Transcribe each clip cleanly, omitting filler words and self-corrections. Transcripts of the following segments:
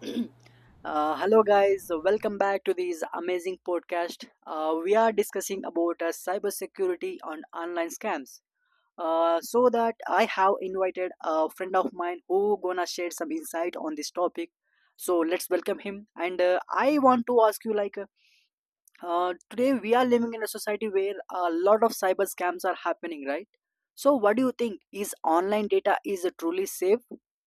Hello guys, welcome back to this amazing podcast. We are discussing about cybersecurity on online scams. So that I have invited a friend of mine who gonna share some insight on this topic. So let's welcome him. And I want to ask you, like, today we are living in a society where a lot of cyber scams are happening, right? So what do you think? Is online data is truly safe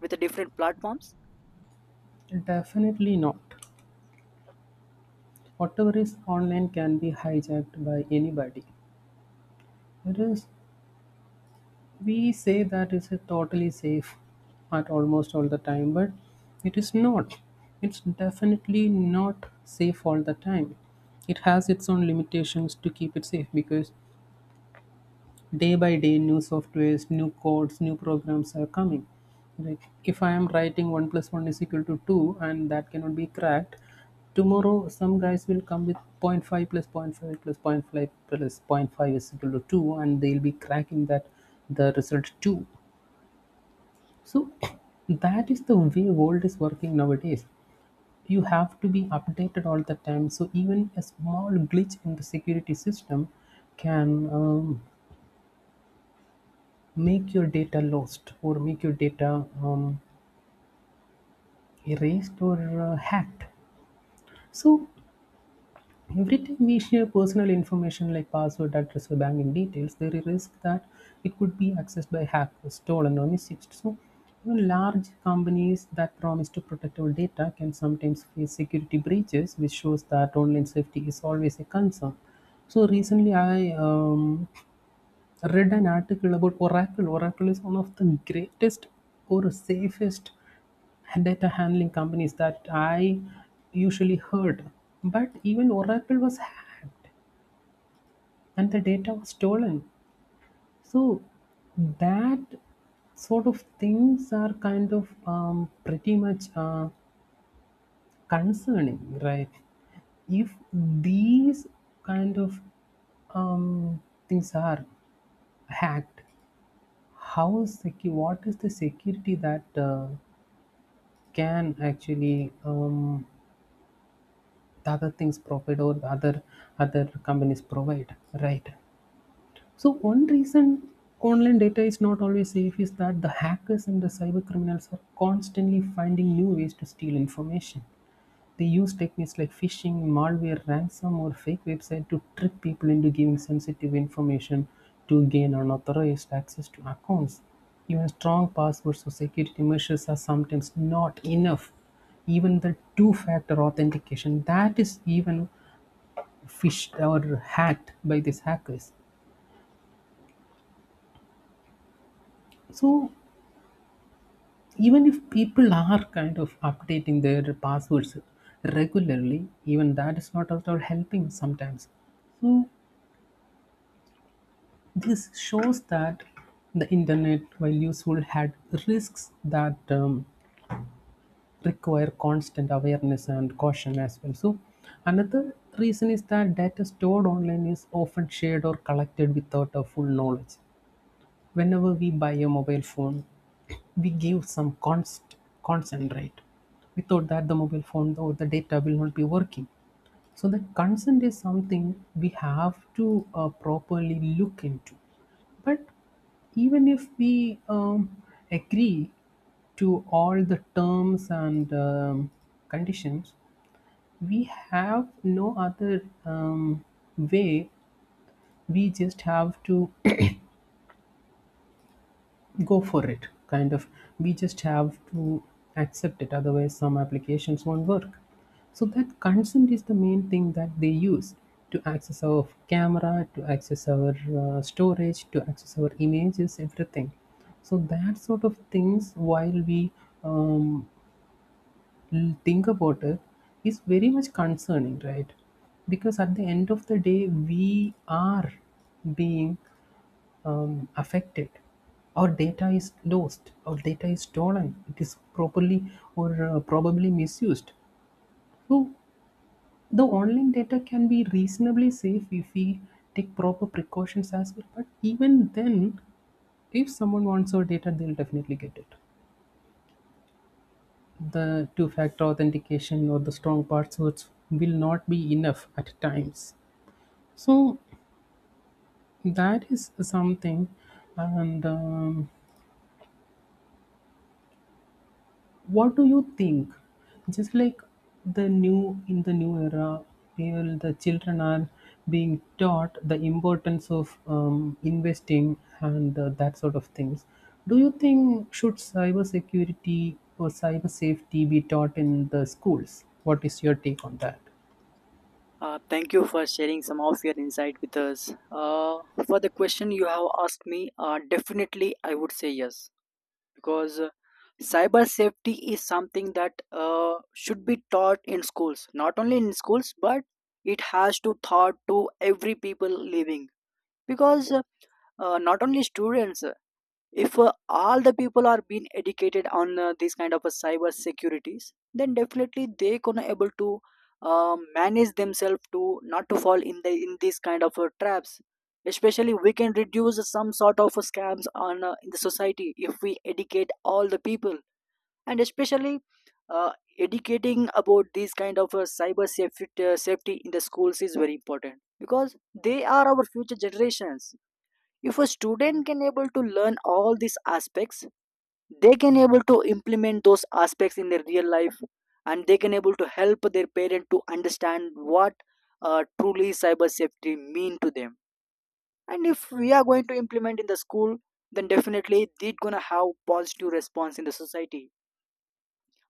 with the different platforms? Definitely not. Whatever is online can be hijacked by anybody. It is. We say that it's a totally safe at almost all the time, but it is not. It's definitely not safe all the time. It has its own limitations to keep it safe because day by day new softwares, new codes, new programs are coming. Like if I am writing 1 plus 1 is equal to 2 and that cannot be cracked, tomorrow some guys will come with zero point 0.5 plus zero point 0.5 plus zero point 0.5 plus zero point 0.5 is equal to 2, and they'll be cracking that, the result 2. So that is the way world is working nowadays. You have to be updated all the time. So even a small glitch in the security system can um, make your data lost or make your data erased or hacked. So every time we share personal information like password, address, or banking details, there is a risk that it could be accessed by hackers, stolen, or misused. So even large companies that promise to protect our data can sometimes face security breaches, which shows that online safety is always a concern. So recently, I read an article about Oracle. Oracle is one of the greatest or safest data handling companies that I usually heard. But even Oracle was hacked and the data was stolen. So that sort of things are kind of pretty much concerning, right? If these kind of um, things are hacked, what is the security that can actually the other things provide, or the other companies provide, right? So one reason online data is not always safe is that the hackers and the cyber criminals are constantly finding new ways to steal information. They use techniques like phishing, malware, ransom, or fake website to trick people into giving sensitive information, to gain unauthorized access to accounts. Even strong passwords or security measures are sometimes not enough. Even the two-factor authentication, that is even fished or hacked by these hackers. So even if people are kind of updating their passwords regularly, even that is not at all helping sometimes. So this shows that the internet, while useful, had risks that require constant awareness and caution as well. So another reason is that data stored online is often shared or collected without a full knowledge. Whenever we buy a mobile phone, we give some const consent, right? Without that, the mobile phone or the data will not be working. So the consent is something we have to properly look into. But even if we agree to all the terms and conditions, we have no other way. We just have to go for it, kind of. We just have to accept it, otherwise some applications won't work. So that consent is the main thing that they use to access our camera, to access our storage, to access our images, everything. So that sort of things, while we um, think about it, is very much concerning, right? Because at the end of the day we are being affected. Our data is lost, our data is stolen, it is properly or probably misused. So the online data can be reasonably safe if we take proper precautions as well, but even then if someone wants our data they'll definitely get it. The two factor authentication or the strong passwords will not be enough at times. So that is something. And what do you think? Just like the new in the new era where the children are being taught the importance of investing and that sort of things, do you think should cybersecurity or cyber safety be taught in the schools? What is your take on that? Thank you for sharing some of your insight with us. For the question you have asked me, definitely I would say yes, because cyber safety is something that should be taught in schools. Not only in schools, but it has to taught to every people living, because not only students, if all the people are being educated on these kind of cyber securities, then definitely they gonna able to manage themselves to not to fall in these kind of traps. Especially, we can reduce some sort of scams on in the society if we educate all the people. And especially, uh, educating about these kind of cyber safety in the schools is very important, because they are our future generations. If a student can able to learn all these aspects, they can able to implement those aspects in their real life, and they can able to help their parent to understand what truly cyber safety mean to them. And if we are going to implement in the school, then definitely they are gonna have positive response in the society.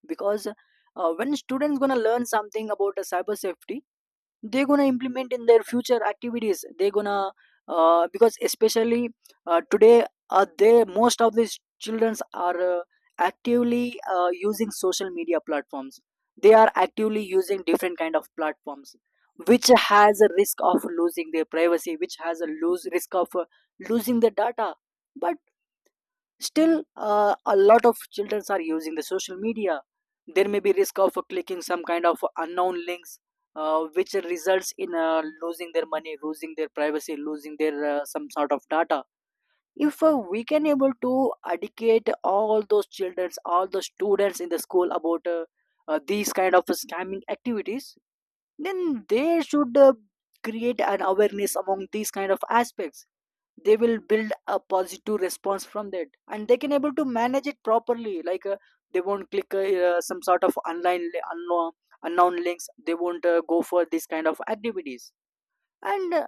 Because when students gonna learn something about the cyber safety, they're gonna implement in their future activities. They're gonna Because especially, today they most of these children are actively using social media platforms. They are actively using different kind of platforms, which has a risk of losing their privacy, which has a lose risk of losing the data. But still, a lot of children are using the social media. There may be risk of clicking some kind of unknown links, which results in losing their money, losing their privacy, losing their some sort of data. If we can able to educate all those children, all those students in the school about these kind of scamming activities, then they should create an awareness among these kind of aspects. They will build a positive response from that, and they can able to manage it properly. Like, they won't click some sort of unknown links, they won't go for this kind of activities. and uh,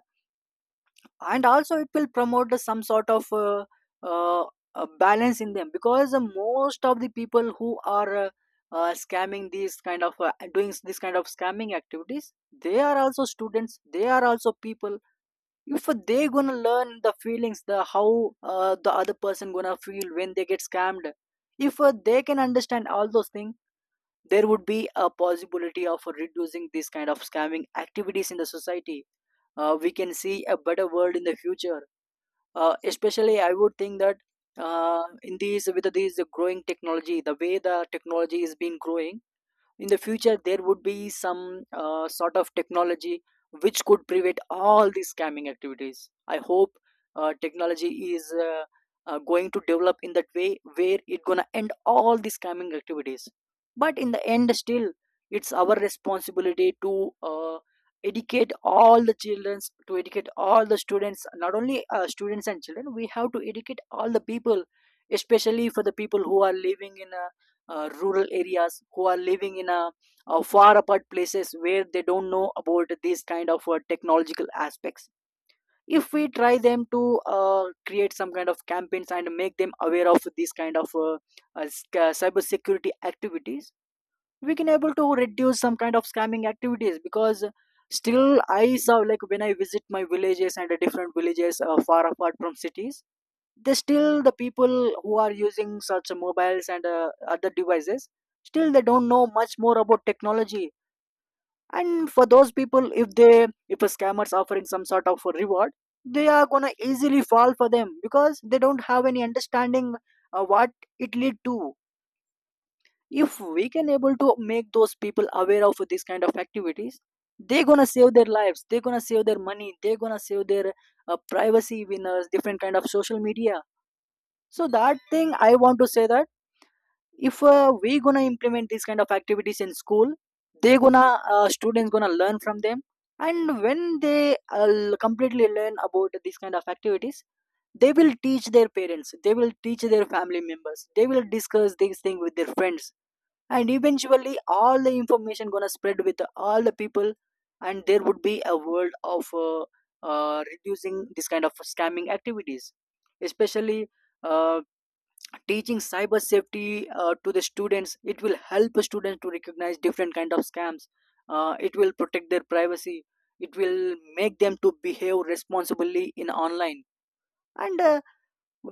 and also it will promote some sort of uh, balance in them, because most of the people who are scamming these kind of doing this kind of scamming activities, they are also students, they are also people. If they gonna learn the feelings, the other person gonna feel when they get scammed. If they can understand all those things, there would be a possibility of reducing this kind of scamming activities in the society. We can see a better world in the future. Especially, I would think that in these with these growing technology, the way the technology is being growing, in the future there would be some sort of technology which could prevent all these scamming activities. I hope technology is going to develop in that way, where it's gonna end all the scamming activities. But in the end, still, it's our responsibility to educate all the children, to educate all the students. Not only students and children, we have to educate all the people. Especially for the people who are living in a rural areas, who are living in far apart places, where they don't know about these kind of technological aspects. If we try them to create some kind of campaigns and make them aware of these kind of cyber security activities, we can able to reduce some kind of scamming activities. Because still, I saw, like, when I visit my villages and different villages far apart from cities, they still, the people who are using such mobiles and other devices, still they don't know much more about technology. And for those people, if a scammers offering some sort of a reward, they are gonna easily fall for them, because they don't have any understanding what it lead to. If we can able to make those people aware of this kind of activities, they're gonna save their lives, they're gonna save their money, they're gonna save their privacy in different kind of social media. So that thing I want to say, that if we gonna implement these kind of activities in school, they gonna students gonna learn from them. And when they completely learn about these kind of activities, they will teach their parents, they will teach their family members, they will discuss these thing with their friends. And eventually all the information gonna spread with all the people, and there would be a world of reducing this kind of scamming activities. Especially uh, teaching cyber safety to the students, it will help students to recognize different kind of scams. It will protect their privacy, it will make them to behave responsibly in online. And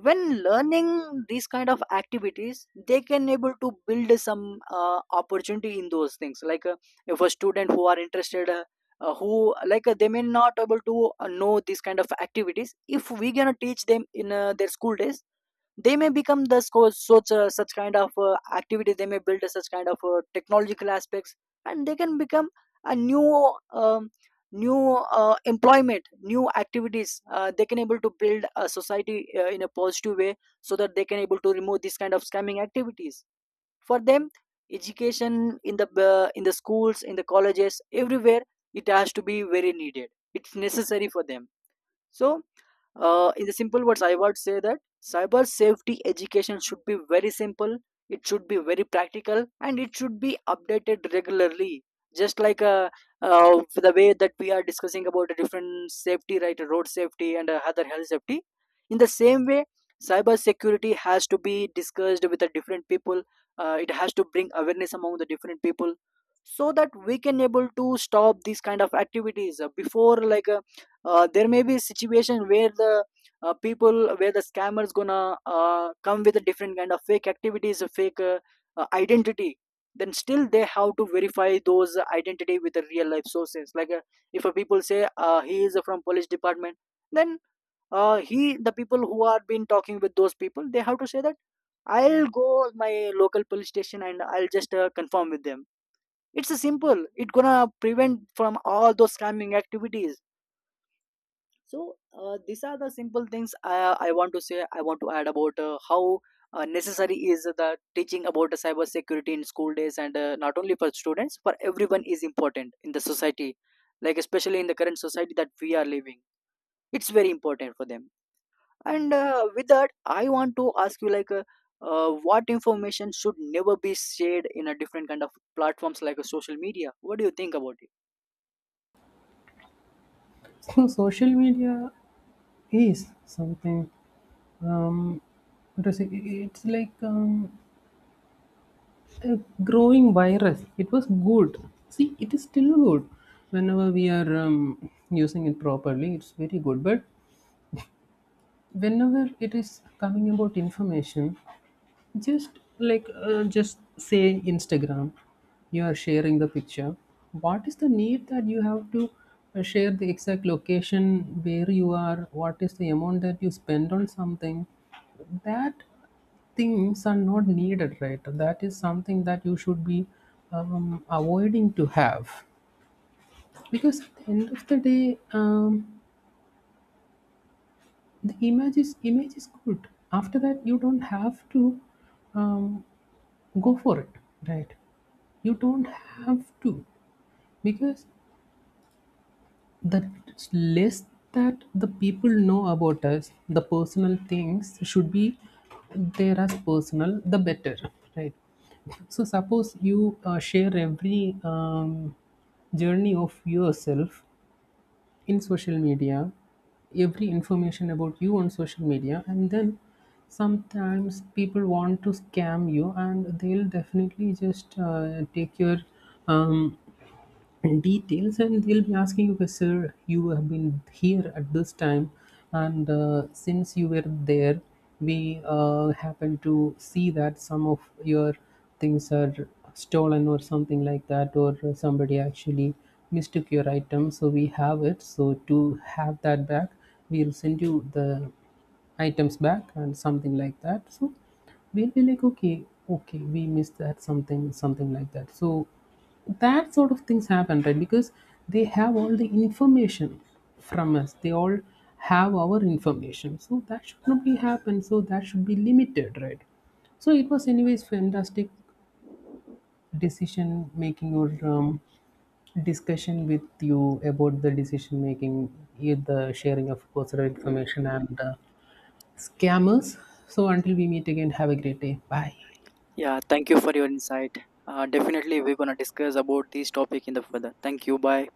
when learning these kind of activities, they can able to build some opportunity in those things. Like, if a student who are interested, who like they may not able to know these kind of activities if we gonna teach them in their school days. They may become such kind of activities, they may build such kind of technological aspects. And they can become a new employment, new activities. They can able to build a society in a positive way, so that they can able to remove this kind of scamming activities. For them, education in the schools, in the colleges, everywhere, it has to be very needed, it's necessary for them. So in the simple words, I would say that cyber safety education should be very simple, it should be very practical, and it should be updated regularly. Just like the way that we are discussing about a different safety, right, road safety and other health safety. In the same way, cyber security has to be discussed with the different people. It has to bring awareness among the different people, so that we can able to stop these kind of activities before. There may be a situation where the people where the scammers gonna come with a different kind of fake activities, a fake identity. Then still they have to verify those identity with the real life sources, like if a people say he is from police department. Then he the people who are been talking with those people, they have to say that, I'll go my local police station and I'll just confirm with them. It's a simple, it gonna prevent from all those scamming activities. So these are the simple things I want to add about how necessary is the teaching about the cyber security in school days, and not only for students, for everyone is important in the society. Like, especially in the current society that we are living, it's very important for them. And with that, I want to ask you, like, what information should never be shared in a different kind of platforms like a social media. What do you think about it? So social media is something, um, what to say, it's like a growing virus. It was good. See, it is still good. Whenever we are using it properly, it's very good. But whenever it is coming about information, just like just say Instagram, you are sharing the picture. What is the need that you have to share the exact location where you are? What is the amount that you spend on something? That things are not needed, right? That is something that you should be avoiding to have, because at the end of the day the image is good. After that you don't have to um, go for it, right? You don't have to, because the less that the people know about us, the personal things should be there as personal, the better, right? So suppose you share every journey of yourself in social media, every information about you on social media, and then sometimes people want to scam you, and they'll definitely just take your um, and details, and they'll be asking you, okay sir, you have been here at this time, and since you were there, we happened to see that some of your things are stolen or something like that, or somebody actually mistook your item, so we have it, so to have that back we'll send you the items back and something like that. So we'll be like okay, okay we missed that, something, something like that. So that sort of things happen, right? Because they have all the information from us, they all have our information. So that should not be happen, so that should be limited, right? So it was anyways fantastic decision making, or um, discussion with you about the decision making, eh, the sharing of personal information, and scammers. So until we meet again, have a great day. Bye. Yeah, thank you for your insight. Definitely, we're gonna discuss about this topic in the further. Thank you. Bye.